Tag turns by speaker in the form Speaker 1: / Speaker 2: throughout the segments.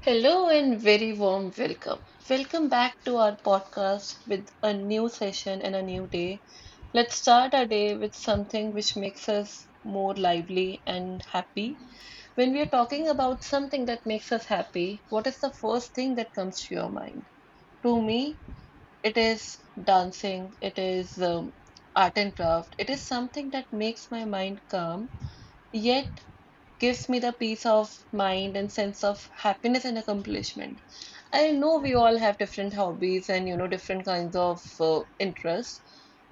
Speaker 1: Hello and very warm welcome. Welcome back to our podcast with a new session and a new day. Let's start our day with something which makes us more lively and happy. When we are talking about something that makes us happy, what is the first thing that comes to your mind? To me, it is dancing, it is art and craft, it is something that makes my mind calm, yet gives me the peace of mind and sense of happiness and accomplishment. I know
Speaker 2: Yeah,
Speaker 1: we all have different hobbies and different kinds of interests,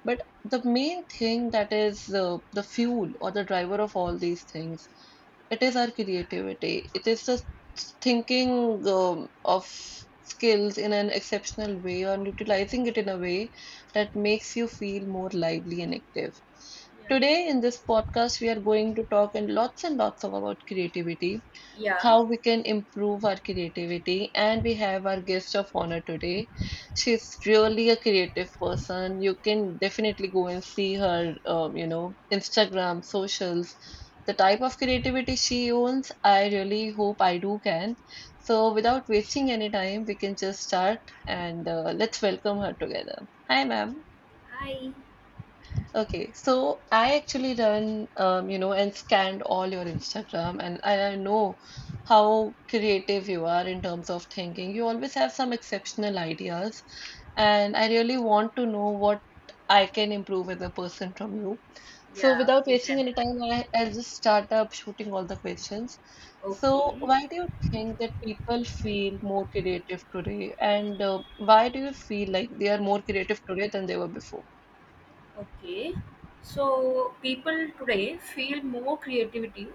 Speaker 1: but the main thing that is the fuel or the driver of all these things, it is our creativity. It is the thinking of skills in an exceptional way and utilizing it in a way that makes you feel more lively and active.
Speaker 2: yeah, yeah.
Speaker 1: Today in this podcast, we are going to talk and lots of about creativity,
Speaker 2: Yeah.
Speaker 1: how we can improve our creativity. And we have our guest of honor today. She's really a creative person. You can definitely go and see her, Instagram, socials, the type of creativity she owns. I really hope I do can. So, without wasting any time, we can just start and let's welcome her together. Hi, ma'am.
Speaker 2: Hi.
Speaker 1: Okay, so I actually run, and scanned all your Instagram, and I know how creative you are in terms of thinking. You always have some exceptional ideas, and I really want to know what I can improve as a person from you. So,
Speaker 2: Yeah,
Speaker 1: without
Speaker 2: you
Speaker 1: wasting
Speaker 2: can.
Speaker 1: any time, I'll just start up shooting all the questions. So,
Speaker 2: Okay.
Speaker 1: why do you think that people feel more creative today, and why do you feel like they are more creative today than they were before?
Speaker 2: Okay, so people today feel more creativity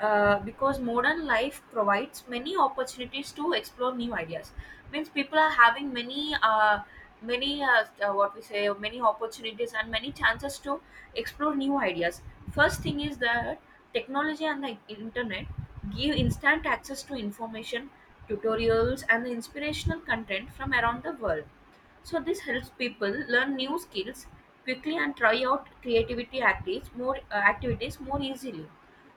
Speaker 2: because modern life provides many opportunities to explore new ideas. Means people are having many, many opportunities and many chances to explore new ideas. First thing is that technology and the internet give instant access to information, tutorials, and the inspirational content from around the world, so this helps people learn new skills quickly and try out creativity activities more easily.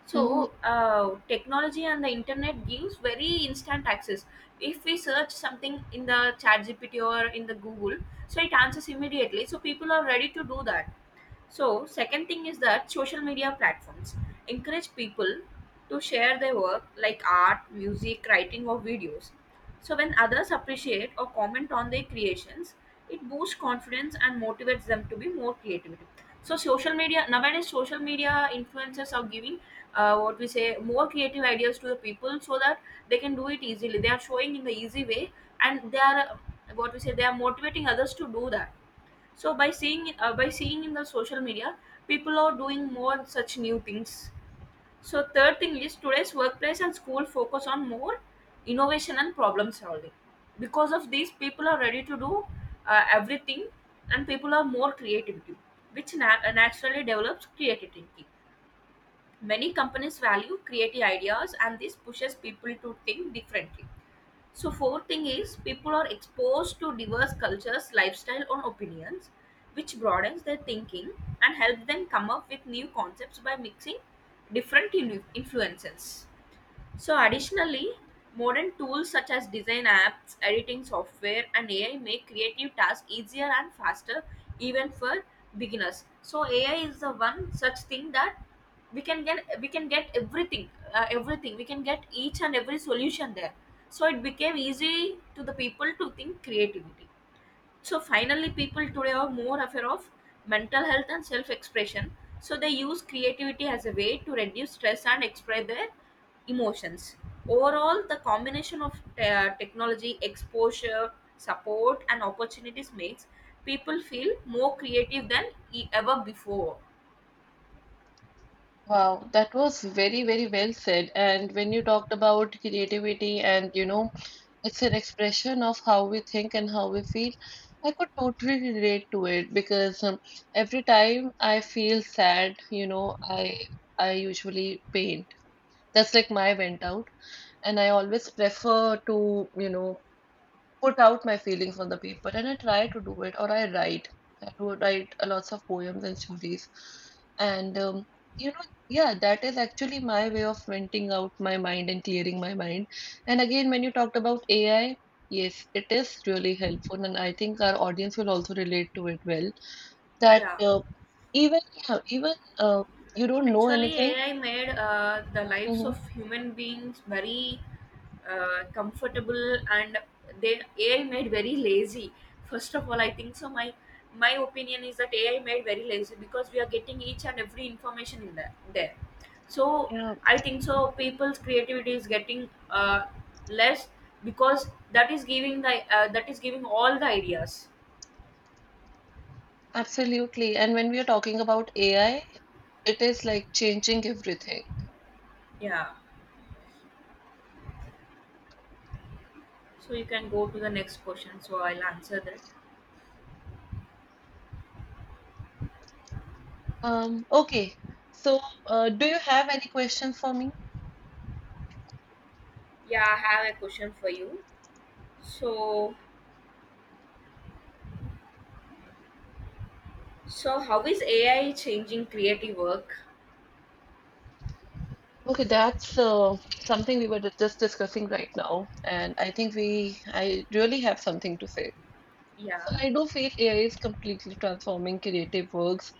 Speaker 2: So technology and the internet gives very instant access. If we search something in the ChatGPT or in the Google, so it answers immediately. So people are ready to do that. So second thing is that social media platforms encourage people to share their work like art, music, writing, or videos. So when others appreciate or comment on their creations, it boosts confidence and motivates them to be more creative. So social media nowadays, social media influencers are giving what we say more creative ideas to the people so that they can do it easily. They are showing in the easy way, and they are what we say they are motivating others to do that. So by seeing in the social media, people are doing more such new things. So third thing is today's workplace and school focus on more innovation and problem solving. Because of these, people are ready to do everything, and people are more creativity, which naturally develops creative thinking. Many companies value creative ideas, and this pushes people to think differently. So fourth thing is people are exposed to diverse cultures, lifestyle, and opinions, which broadens their thinking and helps them come up with new concepts by mixing different influences. So additionally, modern tools such as design apps, editing software, and AI make creative tasks easier and faster, even for beginners. So AI is the one such thing that we can get everything everything we can get each and every solution there, so it became easy to the people to think creativity. So finally, people today are more aware of mental health and self-expression. So they use creativity as a way to reduce stress and express their emotions. Overall, the combination of technology, exposure, support, and opportunities makes people feel more creative than ever before.
Speaker 1: Wow, that was very, very well said. And when you talked about creativity and, it's an expression of how we think and how we feel, I could totally relate to it because every time I feel sad, I usually paint. That's like my vent out. And I always prefer to, put out my feelings on the paper and I try to do it or I write. I do write a lots of poems and stories. And yeah, that is actually my way of venting out my mind and clearing my mind. And again, when you talked about AI, yes, it is really helpful, and I think our audience will also relate to it well. That
Speaker 2: Yeah.
Speaker 1: even yeah, even uh, you don't know
Speaker 2: Actually,
Speaker 1: anything.
Speaker 2: AI made the lives
Speaker 1: Mhm.
Speaker 2: of human beings very comfortable, and they AI made very lazy. First of all, I think so. My opinion is that AI made very lazy because we are getting each and every information in there. There, so
Speaker 1: Yeah,
Speaker 2: I think so. People's creativity is getting less because that is giving the that is giving all the ideas.
Speaker 1: absolutely. And when we are talking about AI, it is like changing everything.
Speaker 2: Yeah. So you can go to the next question. So I'll answer that.
Speaker 1: Okay. So, do you have any questions for me?
Speaker 2: Yeah, I have a question for you. So, so how is AI changing creative work?
Speaker 1: Okay, that's something we were just discussing right now, and I think we I really have something to say.
Speaker 2: Yeah,
Speaker 1: So I do feel AI is completely transforming creative works.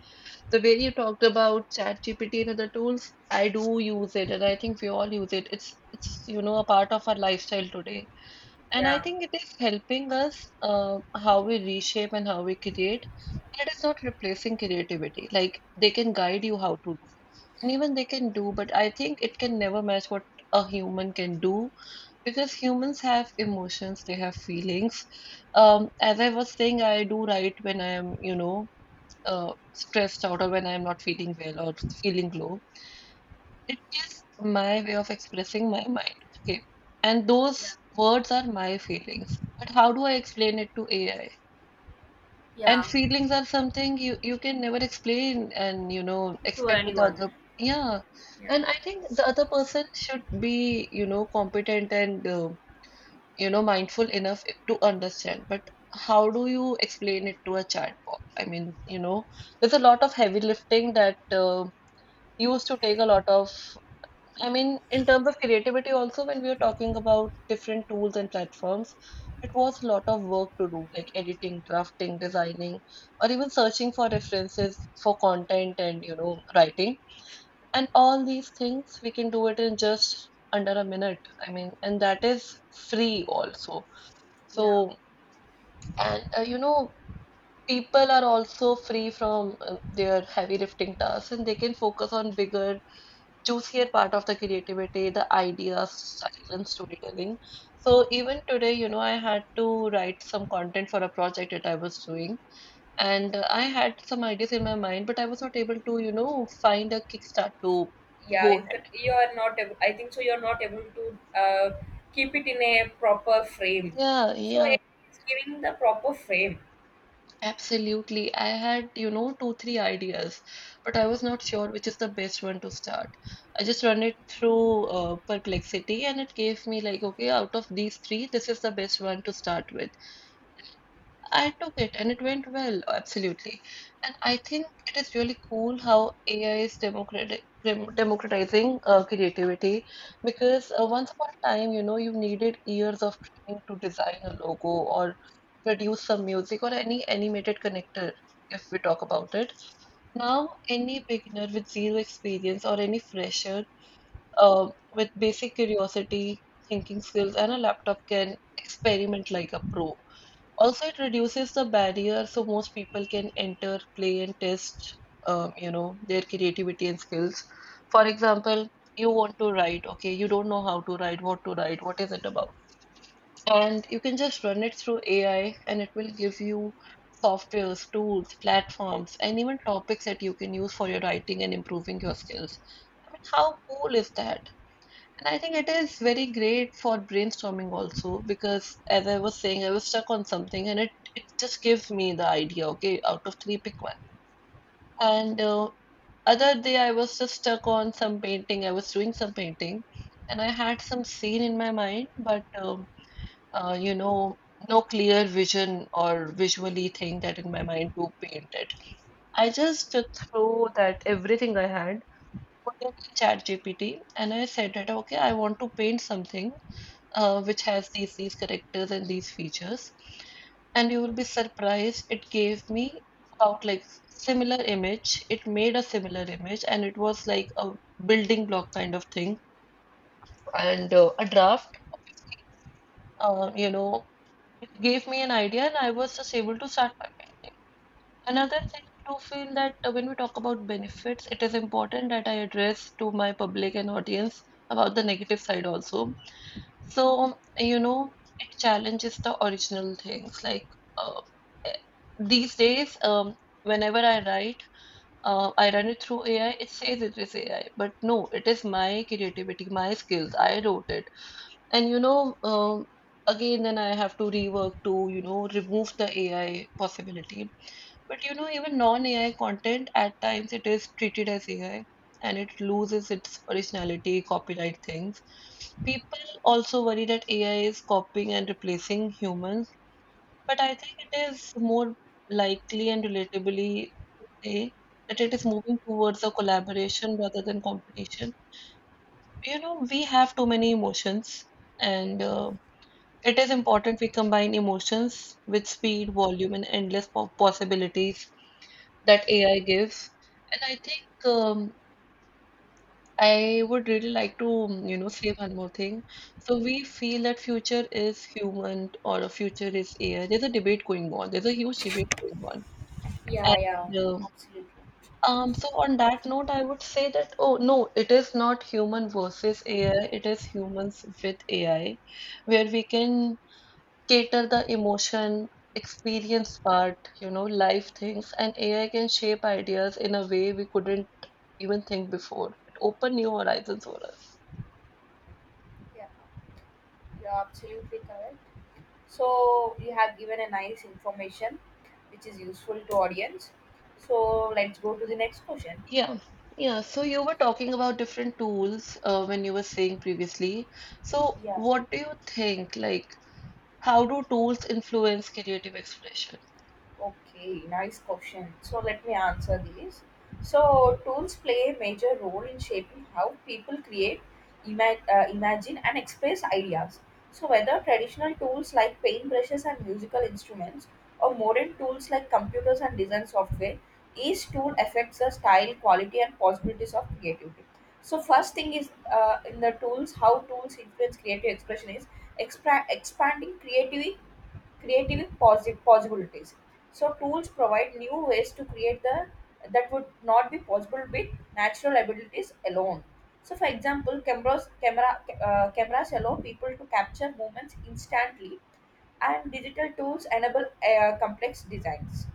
Speaker 1: The way you talked about ChatGPT and other tools, I do use it, and I think we all use it. It's a part of our lifestyle today, and I
Speaker 2: Yeah,
Speaker 1: think it is helping us, how we reshape and how we create. It is not replacing creativity. Like they can guide you how to do. And even they can do, but I think it can never match what a human can do because humans have emotions, they have feelings. As I was saying, I do write when I am, stressed out or when I am not feeling well or feeling low. It is my way of expressing my mind. Okay. And
Speaker 2: yeah,
Speaker 1: those words are my feelings. But how do I explain it to AI? And
Speaker 2: yeah.
Speaker 1: feelings are something you can never explain and
Speaker 2: To
Speaker 1: expect with the
Speaker 2: anyone.
Speaker 1: other. Yeah,
Speaker 2: Yeah,
Speaker 1: and I think the other person should be, competent and mindful enough to understand, but how do you explain it to a chatbot? I mean, there's a lot of heavy lifting that used to take a lot of, I mean, in terms of creativity, also, when we are talking about different tools and platforms, it was a lot of work to do, like editing, drafting, designing, or even searching for references for content and, writing. And all these things, we can do it in just under a minute. I mean, and that is free also.
Speaker 2: yeah,
Speaker 1: So, and, people are also free from their heavy lifting tasks and they can focus on bigger juicier part of the creativity, the ideas, silent storytelling. So even today, I had to write some content for a project that I was doing, and I had some ideas in my mind, but I was not able to, find a kickstart to
Speaker 2: yeah.
Speaker 1: go
Speaker 2: You can.
Speaker 1: ahead.
Speaker 2: You are not able, I think so. You are not able to keep it in a proper frame.
Speaker 1: Yeah,
Speaker 2: So AI
Speaker 1: yeah,
Speaker 2: is giving the proper frame.
Speaker 1: absolutely. I had, two, three ideas, but I was not sure which is the best one to start. I just run it through Perplexity, and it gave me like, okay, out of these three, this is the best one to start with. I took it and it went well, absolutely. And I think it is really cool how AI is democratic, democratizing creativity because once upon a time, you needed years of training to design a logo or produce some music or any animated connector, if we talk about it. Now, any beginner with zero experience or any fresher with basic curiosity, thinking skills, and a laptop can experiment like a pro. Also, it reduces the barrier so most people can enter, play, and test their creativity and skills. For example, you want to write, okay, you don't know how to write, what is it about? And you can just run it through AI and it will give you softwares, tools, platforms, and even topics that you can use for your writing and improving your skills. I mean, how cool is that? And I think it is very great for brainstorming also because as I was saying, I was stuck on something and it just gives me the idea, okay, out of three, pick one. And other day I was just stuck on some painting. I was doing some painting and I had some scene in my mind, but uh, you know, no clear vision or visually thing that in my mind to paint it. I just took through that everything I had, put it in ChatGPT, and I said that okay, I want to paint something which has these characters and these features, and you will be surprised it gave me about like similar image. It made a similar image and it was like a building block kind of thing and a draft. uh, you know it gave me an idea and I was just able to start my paint. Another thing I do feel that, when we talk about benefits, it is important that I address to my public and audience about the negative side also. So, it challenges the original things. Like, uh, eh, these days, whenever I write, I run it through AI. It says it is AI, but no, it is my creativity, my skills. I wrote it, and again, then I have to rework to remove the AI possibility. But even non-AI content, at times it is treated as AI and it loses its originality, copyright things. People also worry that AI is copying and replacing humans, but I think it is more likely and relatively to say that it is moving towards a collaboration rather than competition. You know, we have too many emotions, and it is important we combine emotions with speed, volume, and endless possibilities that AI gives. And I think I would really like to, say one more thing. So we feel that future is human or a future is AI. There's a debate going on. There's a huge debate going on.
Speaker 2: Yeah, yeah.
Speaker 1: And
Speaker 2: Absolutely.
Speaker 1: so on that note, I would say that oh no, it is not human versus AI. It is humans with AI, where we can cater the emotion, experience part, life things, and AI can shape ideas in a way we couldn't even think before. It opened new horizons for us.
Speaker 2: Yeah, you're absolutely correct. So you have given a nice information, which is useful to audience. So let's go to the next question.
Speaker 1: Yeah. Yeah, so you were talking about different tools when you were saying previously. So,
Speaker 2: Yeah.
Speaker 1: what do you think? Like, how do tools influence creative expression?
Speaker 2: Okay, nice question. So let me answer these. So tools play a major role in shaping how people create, imagine, and express ideas. So whether traditional tools like paintbrushes and musical instruments, or modern tools like computers and design software, each tool affects the style, quality, and possibilities of creativity. So first thing is in the tools, how tools influence creative expression is expanding creativity creative possibilities. So tools provide new ways to create the that would not be possible with natural abilities alone. So for example, cameras allow people to capture moments instantly, and digital tools enable complex designs.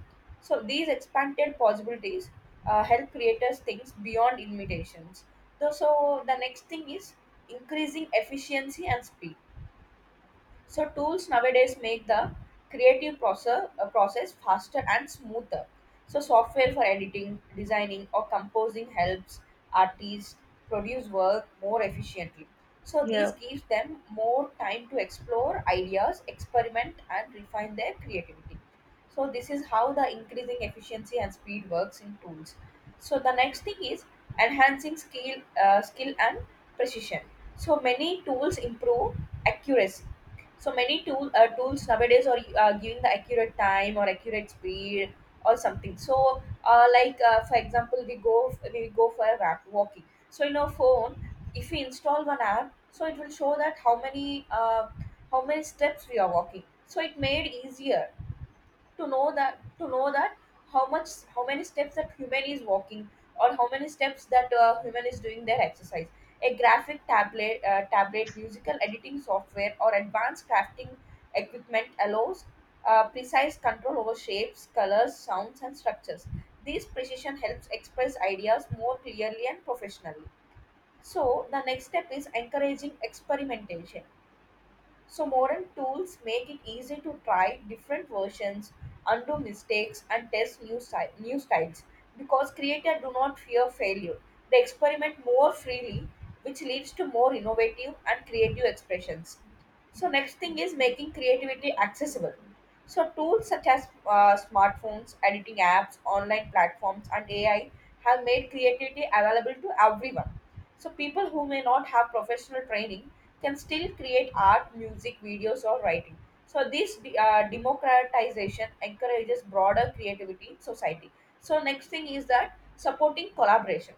Speaker 2: So these expanded possibilities help creators think beyond limitations. So the next thing is increasing efficiency and speed. So tools nowadays make the creative process faster and smoother. So software for editing, designing or composing helps artists produce work more efficiently. So this
Speaker 1: Yeah,
Speaker 2: gives them more time to explore ideas, experiment and refine their creativity. So this is how the increasing efficiency and speed works in tools. So the next thing is enhancing skill and precision. So many tools improve accuracy. So many tools nowadays are giving the accurate time or accurate speed or something. So like for example, we go for a walking. So in our phone, if we install one app, so it will show that how many steps we are walking. So it made easier to know that how much how many steps that human is walking or how many steps that human is doing their exercise. A graphic tablet, musical editing software, or advanced crafting equipment allows precise control over shapes, colors, sounds, and structures. This precision helps express ideas more clearly and professionally. So the next step is encouraging experimentation. So modern tools make it easy to try different versions, undo mistakes, and test new styles, because creators do not fear failure. They experiment more freely, which leads to more innovative and creative expressions. So next thing is making creativity accessible. So tools such as smartphones, editing apps, online platforms, and AI have made creativity available to everyone, so people who may not have professional training can still create art, music, videos, or writing. So this democratization encourages broader creativity in society. So next thing is that supporting collaboration.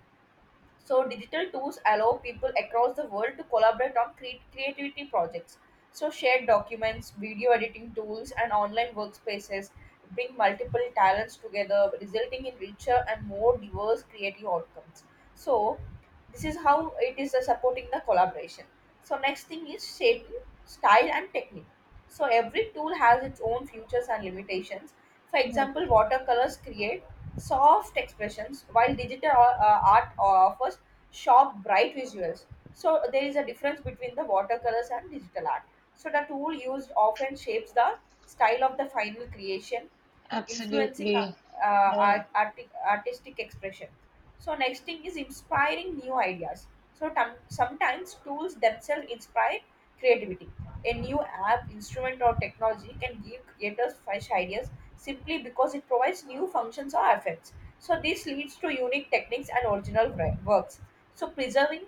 Speaker 2: So digital tools allow people across the world to collaborate on creativity projects. So shared documents, video editing tools, and online workspaces bring multiple talents together, resulting in richer and more diverse creative outcomes. So this is how it is supporting the collaboration. So next thing is shaping style and technique. So every tool has its own features and limitations. For
Speaker 1: yeah,
Speaker 2: example, watercolors create soft expressions while digital art offers sharp, bright visuals. So there is a difference between the watercolors and digital art. So the tool used often shapes the style of the final creation, influencing
Speaker 1: absolutely. Yeah.
Speaker 2: artistic expression. So next thing is inspiring new ideas. So sometimes tools themselves inspire creativity. A new app, instrument, or technology can give creators fresh ideas simply because it provides new functions or effects. So this leads to unique techniques and original works. So preserving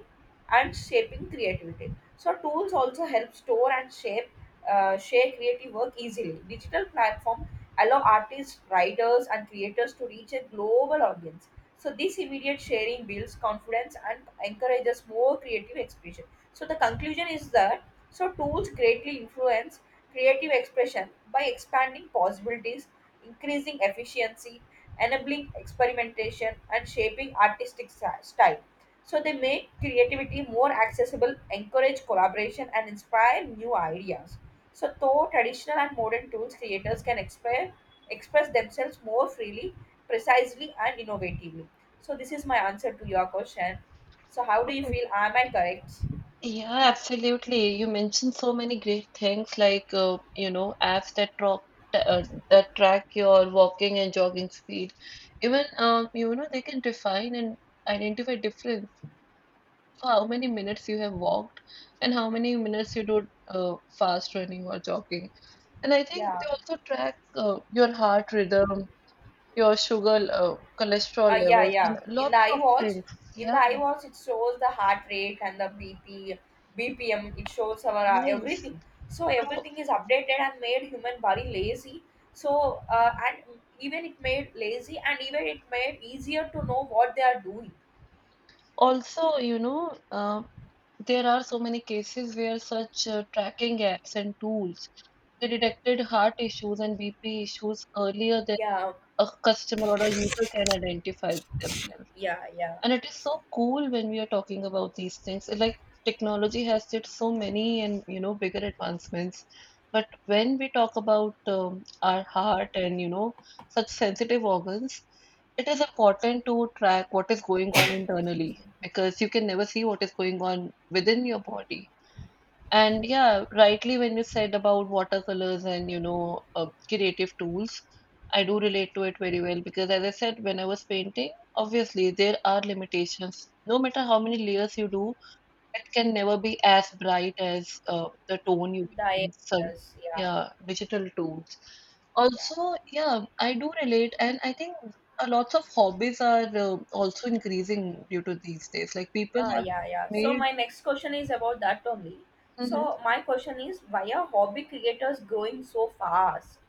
Speaker 2: and shaping creativity. So tools also help store and shape share creative work easily. Digital platforms allow artists, writers, and creators to reach a global audience. So this immediate sharing builds confidence and encourages more creative expression. So the conclusion is that so tools greatly influence creative expression by expanding possibilities, increasing efficiency, enabling experimentation, and shaping artistic style. So they make creativity more accessible, encourage collaboration, and inspire new ideas. So though traditional and modern tools, creators can express themselves more freely, precisely, and innovatively. So this is my answer to your question. So how do you feel? Am I correct?
Speaker 1: Yeah, absolutely. You mentioned so many great things like apps uh, that track your walking and jogging speed. Even you know they can define and identify difference for how many minutes you have walked and how many minutes you do fast running or jogging. And I think
Speaker 2: Yeah.
Speaker 1: they also track your heart rhythm, your sugar, cholesterol
Speaker 2: Yeah,
Speaker 1: levels, and
Speaker 2: yeah. In the
Speaker 1: lots of
Speaker 2: iWatch,
Speaker 1: things.
Speaker 2: in the
Speaker 1: Yeah,
Speaker 2: iWatch, it shows the heart rate and the BPM BPM. It shows our
Speaker 1: yes.
Speaker 2: everything. So
Speaker 1: So,
Speaker 2: everything is updated and made human body lazy. So and even it made lazy and even it made easier to know what they are doing.
Speaker 1: Also, there are so many cases where such tracking apps and tools they detected heart issues and BP issues earlier than
Speaker 2: Yeah,
Speaker 1: a customer or a user can identify themselves.
Speaker 2: yeah, yeah.
Speaker 1: And it is so cool when we are talking about these things. It, like technology has did so many and you know bigger advancements, but when we talk about our heart and you know such sensitive organs, it is important to track what is going on
Speaker 2: Excuse
Speaker 1: internally
Speaker 2: me.
Speaker 1: because you can never see what is going on within your body. And yeah, rightly when you said about watercolors and you know creative tools, I do relate to it very well because as I said, when I was painting, obviously there are limitations. No matter how many layers you do, it can never be as bright as the tone you get
Speaker 2: The
Speaker 1: in some
Speaker 2: yes, yeah,
Speaker 1: yeah digital tools.
Speaker 2: yeah,
Speaker 1: Also, yeah, I do relate, and I think a lots of hobbies are also increasing due to these days. Like people
Speaker 2: yeah.
Speaker 1: have
Speaker 2: Yeah, yeah. So
Speaker 1: made.
Speaker 2: my next question is about that only.
Speaker 1: Mhm.
Speaker 2: So my question is, why are hobby creators growing so fast?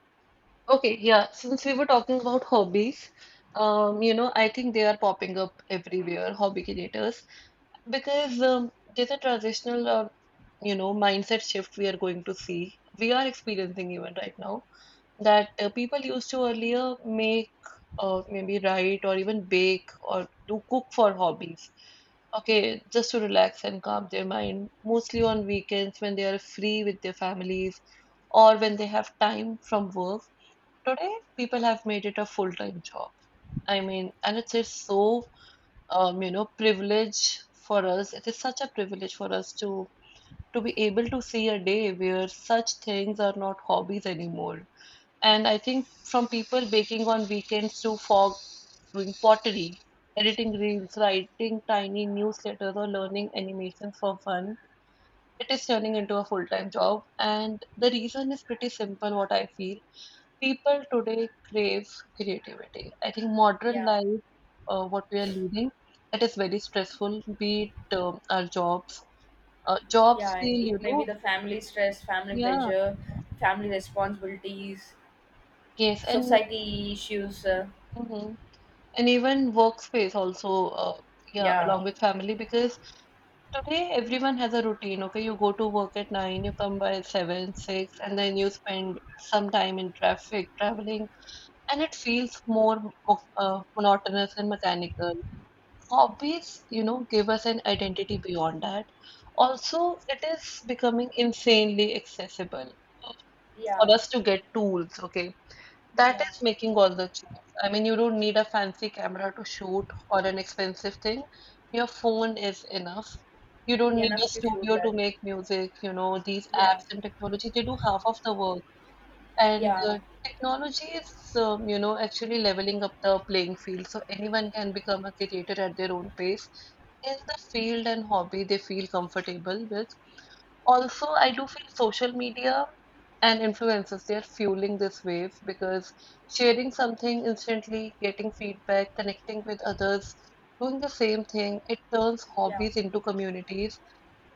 Speaker 1: Okay, yeah, since we were talking about hobbies, you know, I think they are popping up everywhere, hobby creators, because there's a transitional, you know, mindset shift we are going to see. We are experiencing even right now that people used to earlier make or maybe write or even bake or do cook for hobbies. Okay, just to relax and calm their mind, mostly on weekends when they are free with their families or when they have time from work. Today, people have made it a full-time job. I mean, and it's so you know, privilege for us. It is such a privilege for us to be able to see a day where such things are not hobbies anymore. And I think from people baking on weekends to fog doing pottery, editing reels, writing tiny newsletters, or learning animation for fun. It is turning into a full time job, and the reason is pretty simple what I feel people today crave creativity. I think modern
Speaker 2: Yeah.
Speaker 1: life, what we are leading, it is very stressful. Be it our jobs, jobs
Speaker 2: Yeah,
Speaker 1: feel
Speaker 2: it
Speaker 1: you
Speaker 2: may be
Speaker 1: know,
Speaker 2: the family stress, family
Speaker 1: yeah,
Speaker 2: pressure, family responsibilities,
Speaker 1: yes, and
Speaker 2: society issues.
Speaker 1: mhm. And even workspace also, yeah,
Speaker 2: Yeah,
Speaker 1: along with family because today everyone has a routine. Okay, you go to work at nine, you come by seven, six, and then you spend some time in traffic, traveling, and it feels more monotonous and mechanical. Hobbies, you know, give us an identity beyond that. Also, it is becoming insanely accessible uh,
Speaker 2: yeah,
Speaker 1: for us to get tools, okay? That
Speaker 2: yeah,
Speaker 1: is making all the change. I mean, you don't need a fancy camera to shoot or an expensive thing. Your phone is enough. You don't need a
Speaker 2: enough to show
Speaker 1: studio
Speaker 2: that.
Speaker 1: to make music, you know, these
Speaker 2: Yeah,
Speaker 1: apps and technology, they do half of the work. And
Speaker 2: yeah,
Speaker 1: technology is, you know, actually leveling up the playing field so anyone can become a creator at their own pace in the field and hobby they feel comfortable with. Also, I do feel social media and influencers, they're fueling this wave because sharing something instantly, getting feedback, connecting with others, doing the same thing, it turns
Speaker 2: yeah,
Speaker 1: hobbies into communities.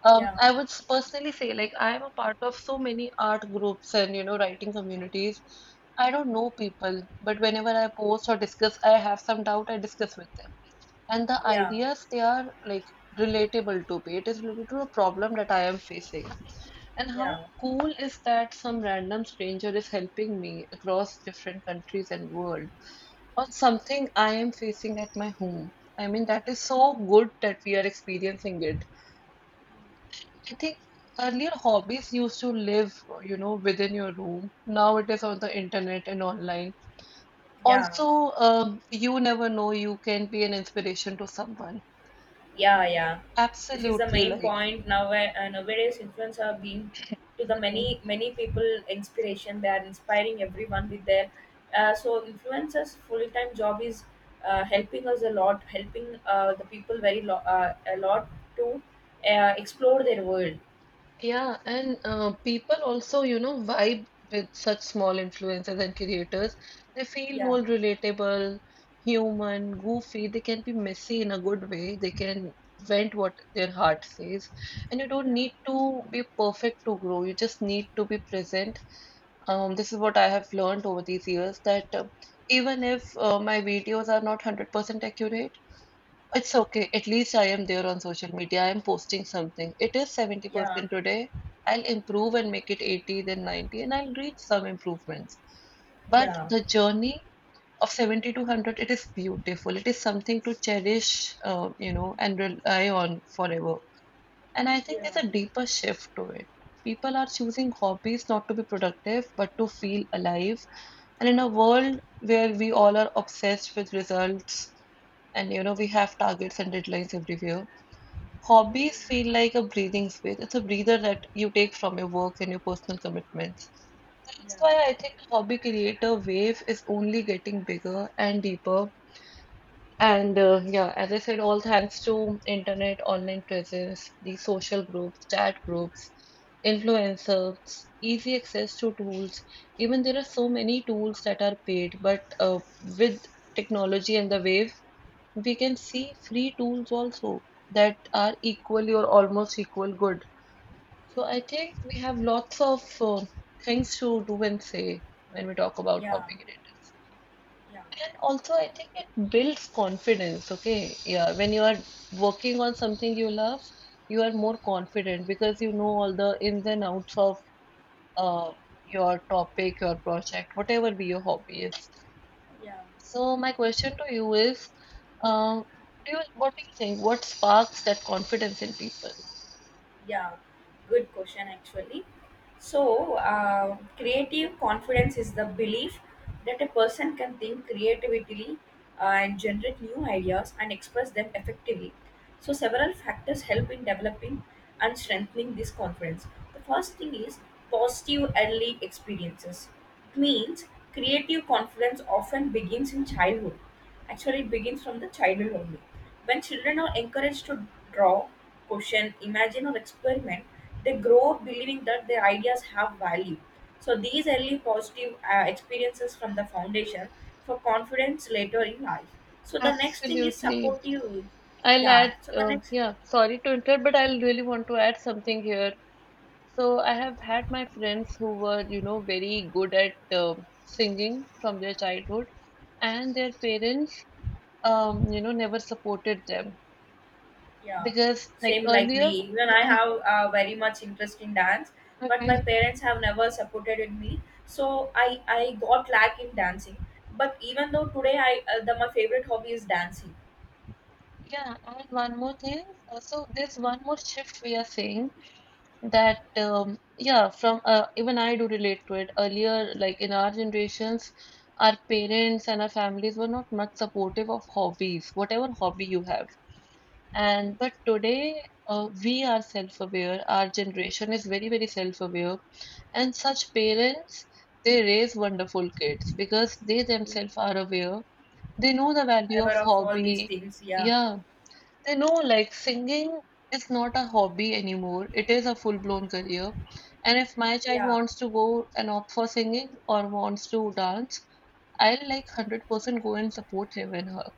Speaker 2: yeah,
Speaker 1: I would personally say, like, I am a part of so many art groups and, you know, writing communities. I don't know people, but whenever I post or discuss, I have some doubt, I discuss with them. And the
Speaker 2: yeah,
Speaker 1: ideas, they are like relatable to me. It is related to a problem that I am facing. And how
Speaker 2: yeah,
Speaker 1: cool is that some random stranger is helping me across different countries and world on something I am facing at my home. I mean, that is so good that we are experiencing it. I think earlier hobbies used to live, you know, within your room. Now it is on the internet and online.
Speaker 2: yeah,
Speaker 1: Also, you never know, you can be an inspiration to someone.
Speaker 2: yeah, yeah. This is the
Speaker 1: Absolutely,
Speaker 2: main
Speaker 1: like,
Speaker 2: point. Now nowadays influencers are being to the many many people inspiration, they are inspiring everyone with their so influencers full-time job is helping us a lot, helping the people very a lot to explore their world.
Speaker 1: yeah, and people also, you know, vibe with such small influencers and creators. They feel
Speaker 2: Yeah,
Speaker 1: more relatable, human, goofy. They can be messy in a good way. They can vent what their heart says. And you don't
Speaker 2: yeah,
Speaker 1: need to be perfect to grow. You just need to be present. This is what I have learned over these years that even if my videos are not 100% accurate, it's okay. At least I am there on social media. I am posting something. It is
Speaker 2: yeah,
Speaker 1: 70% today. I'll improve and make it 80, then 90, and I'll reach some improvements. But
Speaker 2: yeah,
Speaker 1: the journey of 70 to 100, it is beautiful. It is something to cherish, you know, and rely on forever. And I think
Speaker 2: yeah.
Speaker 1: there's a deeper shift to it. People are choosing hobbies not to be productive, but to feel alive. And in a world where we all are obsessed with results, and you know we have targets and deadlines everywhere, hobbies
Speaker 2: Mm.
Speaker 1: feel like a breathing space. It's a breather that you take from your work and your personal commitments.
Speaker 2: Yeah,
Speaker 1: That's why I think the hobby creator wave is only getting bigger and deeper. And yeah, as I said, all thanks to internet, online presence, the social groups, chat groups, influencers, easy access to tools. Even there are so many tools that are paid, but with technology and the wave, we can see free tools also that are equally or almost equal good. So I think we have lots of things to do and say when we talk about
Speaker 2: yeah,
Speaker 1: hobby creators.
Speaker 2: yeah,
Speaker 1: And also, I think it builds confidence. Okay, yeah, when you are working on something you love, you are more confident because you know all the ins and outs of uh, your topic, your project, whatever be your hobby is.
Speaker 2: yeah.
Speaker 1: So my question to you is, uh, what do you think? What sparks that confidence in people?
Speaker 2: Yeah, good question actually. So creative confidence is the belief that a person can think creatively and generate new ideas and express them effectively. So several factors help in developing and strengthening this confidence. The first thing is positive early experiences, means creative confidence often begins in childhood. Actually, it begins from the childhood only. When children are encouraged to draw, question, imagine, or experiment, they grow up believing that their ideas have value. So these early positive experiences from the foundation for confidence later in life. So, the next thing is
Speaker 1: Absolutely.
Speaker 2: supportive.
Speaker 1: I'll
Speaker 2: Yeah,
Speaker 1: add,
Speaker 2: so the next
Speaker 1: yeah, sorry to interrupt, but I'll really want to add something here. So I have had my friends who were, you know, very good at singing from their childhood, and their parents, you know, never supported them
Speaker 2: Yeah,
Speaker 1: because, like
Speaker 2: same like me.
Speaker 1: earlier,
Speaker 2: Even I
Speaker 1: yeah,
Speaker 2: have very much interest in dance, but
Speaker 1: okay,
Speaker 2: my parents have never supported in me. So I got lack in dancing. But even though today I the my favorite hobby is dancing.
Speaker 1: yeah, and one more thing. So there's one more shift we are seeing that yeah, from even I do relate to it earlier, like in our generations our parents and our families were not much supportive of hobbies, whatever hobby you have. And but today we are self-aware. Our generation is very very self-aware, and such parents, they raise wonderful kids because they themselves are aware. They know the
Speaker 2: I
Speaker 1: value of
Speaker 2: aware of all these
Speaker 1: hobby.
Speaker 2: things. Yeah,
Speaker 1: Yeah, you know, like singing is not a hobby anymore. It is a full-blown career. And if my child
Speaker 2: yeah.
Speaker 1: wants to go and opt for singing or wants to dance, I'll like 100% go and support him and her.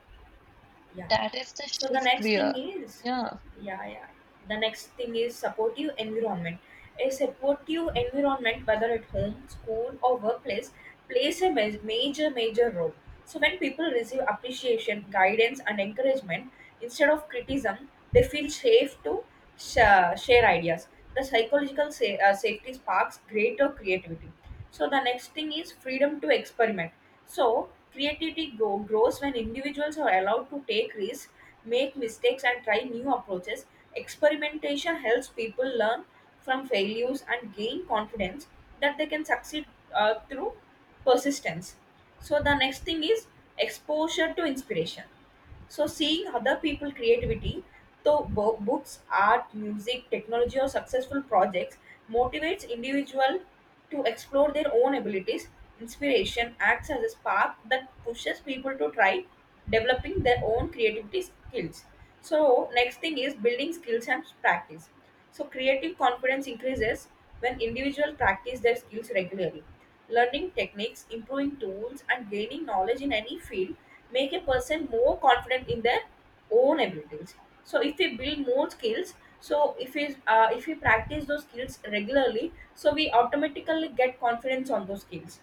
Speaker 2: yeah
Speaker 1: That is the
Speaker 2: so the
Speaker 1: shift
Speaker 2: next
Speaker 1: we
Speaker 2: thing
Speaker 1: are.
Speaker 2: is
Speaker 1: Yeah.
Speaker 2: yeah yeah the next thing is supportive environment. A supportive environment, whether at home, school, or workplace, plays a major major role. So when people receive appreciation, guidance, and encouragement instead of criticism, they feel safe to share ideas. The psychological safety sparks greater creativity. So the next thing is freedom to experiment. So, grows when individuals are allowed to take risks, make mistakes, and try new approaches. Experimentation helps people learn from failures and gain confidence that they can succeed through persistence. So, the next thing is exposure to inspiration. So, seeing other people creativity, though books, art, music, technology, or successful projects, motivates individual to explore their own abilities. Inspiration acts as a spark that pushes people to try developing their own creativity skills. So, next thing is building skills and practice. So, creative confidence increases when individuals practice their skills regularly. Learning techniques, improving tools, and gaining knowledge in any field make a person more confident in their own abilities. So if we build more skills, so if we practice those skills regularly, so we automatically get confidence on those skills.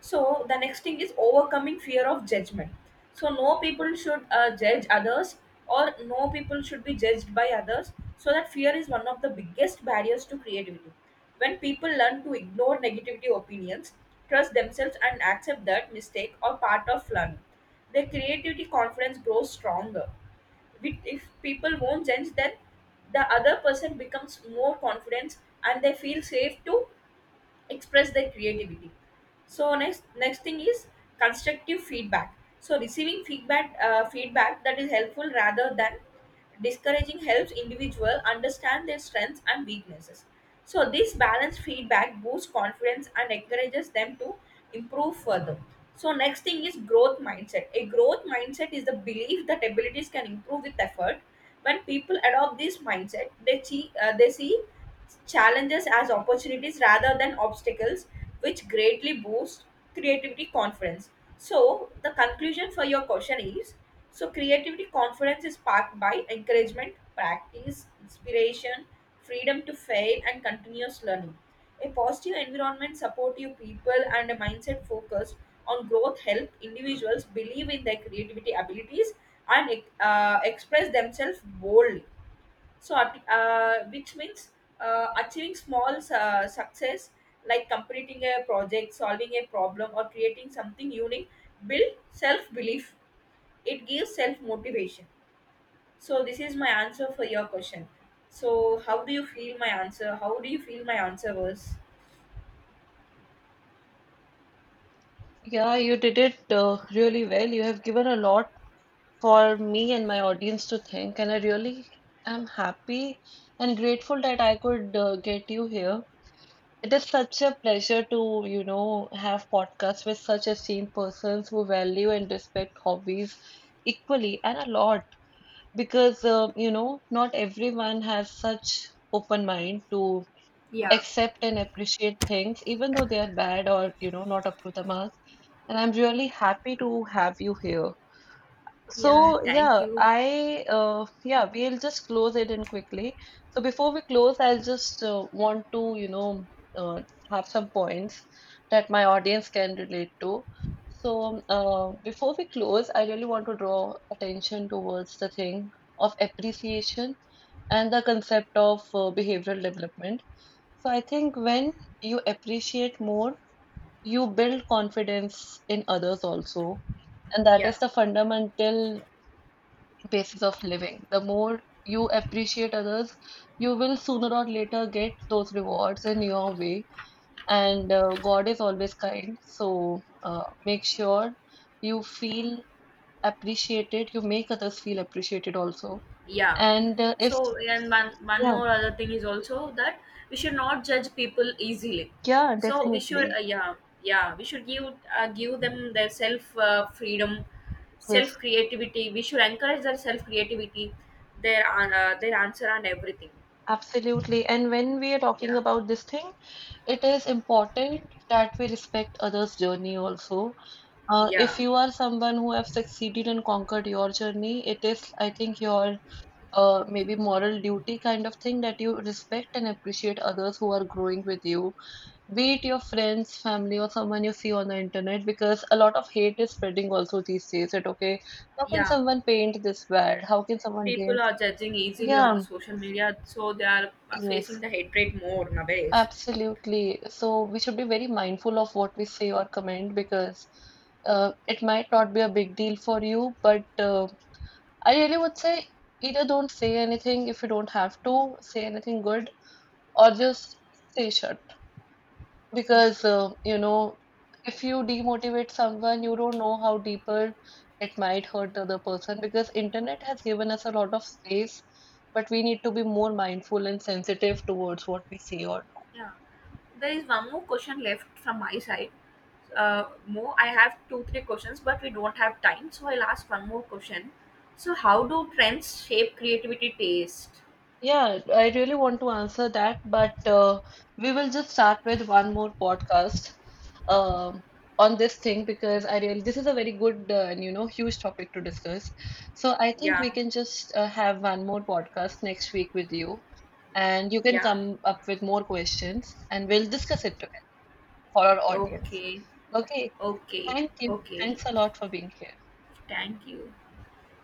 Speaker 2: So the next thing is overcoming fear of judgment. So no people should judge others, or no people should be judged by others. So that fear is one of the biggest barriers to creativity. When people learn to ignore negativity opinions, trust themselves, and accept that mistake are part of learning, their creativity confidence grows stronger. If people won't judge, then the other person becomes more confident and they feel safe to express their creativity. So next thing is constructive feedback. So receiving feedback that is helpful rather than discouraging helps individual understand their strengths and weaknesses. So this balanced feedback boosts confidence and encourages them to improve further. So next thing is growth mindset. A growth mindset is the belief that abilities can improve with effort. When people adopt this mindset, they see challenges as opportunities rather than obstacles, which greatly boosts creativity confidence. So, the conclusion for your question is, so, creativity confidence is sparked by encouragement, practice, inspiration, freedom to fail, and continuous learning. A positive environment, supportive people, and a mindset focused on growth help individuals believe in their creativity abilities and express themselves boldly. So which means achieving small success, like completing a project, solving a problem, or creating something unique, build self belief. It gives self motivation. So this is my answer for your question. So, how do you feel my answer was?
Speaker 1: Yeah, you did it really well. You have given a lot for me and my audience to think, and I really am happy and grateful that I could get you here. It is such a pleasure to, you know, have podcasts with such esteemed persons who value and respect hobbies equally and a lot because, you know, not everyone has such open mind to
Speaker 2: Yeah.
Speaker 1: accept and appreciate things, even though they are bad or, you know, not up to the mark. And I'm really happy to have you here.
Speaker 2: Yeah.
Speaker 1: So
Speaker 2: Thank
Speaker 1: yeah,
Speaker 2: you.
Speaker 1: I yeah, we'll just close it in quickly. So before we close, I'll just want to, you know, uh, have some points that my audience can relate to. So before we close, I really want to draw attention towards the thing of appreciation and the concept of behavioral development. So I think when you appreciate more, you build confidence in others also. And that
Speaker 2: Yeah.
Speaker 1: is the fundamental basis of living. The more you appreciate others, you will sooner or later get those rewards in your way. And God is always kind. So make sure you feel appreciated. You make others feel appreciated also.
Speaker 2: Yeah.
Speaker 1: And if,
Speaker 2: So, and one
Speaker 1: yeah,
Speaker 2: more other thing is also that we should not judge people easily.
Speaker 1: yeah,
Speaker 2: So we should
Speaker 1: definitely.
Speaker 2: yeah we should give, give them their self freedom,
Speaker 1: Yes,
Speaker 2: self creativity. We should encourage their self creativity, their their answer and everything.
Speaker 1: absolutely. And when we are
Speaker 2: Yeah,
Speaker 1: talking about this thing, it is important that we respect others' journey also. If
Speaker 2: yeah,
Speaker 1: you are someone who have succeeded and conquered your journey, it is, I think, your maybe moral duty kind of thing that you respect and appreciate others who are growing with you, be it your friends, family, or someone you see on the internet, because a lot of hate is spreading also these days. That okay, how can
Speaker 2: yeah.
Speaker 1: someone paint this bad? How can someone
Speaker 2: People
Speaker 1: dance?
Speaker 2: are judging easily on the
Speaker 1: Yeah,
Speaker 2: social media, so they are
Speaker 1: yes,
Speaker 2: facing the hatred more nowadays.
Speaker 1: absolutely. So we should be very mindful of what we say or comment because it might not be a big deal for you, but I really would say either don't say anything if you don't have to say anything good, or just stay shut.
Speaker 2: Yeah.
Speaker 1: Because you know, if you demotivate someone, you don't know how deeper it might hurt the other person. Because internet has given us a lot of space, but we need to be more mindful and sensitive towards what we see or do.
Speaker 2: Yeah. There is one more question left from my side. More, I have two, three questions, but we don't have time, so I'll ask one more question. So, how do trends shape creativity taste?
Speaker 1: Yeah, I really want to answer that, but we will just start with one more podcast um, on this thing because I really this is a very good and you know huge topic to discuss. So I think
Speaker 2: Yeah,
Speaker 1: we can just have one more podcast next week with you, and you can
Speaker 2: yeah.
Speaker 1: come up with more questions, and we'll discuss it together for our audience.
Speaker 2: Okay,
Speaker 1: Okay,
Speaker 2: okay,
Speaker 1: thank you.
Speaker 2: okay.
Speaker 1: Thanks a lot for being here.
Speaker 2: Thank you.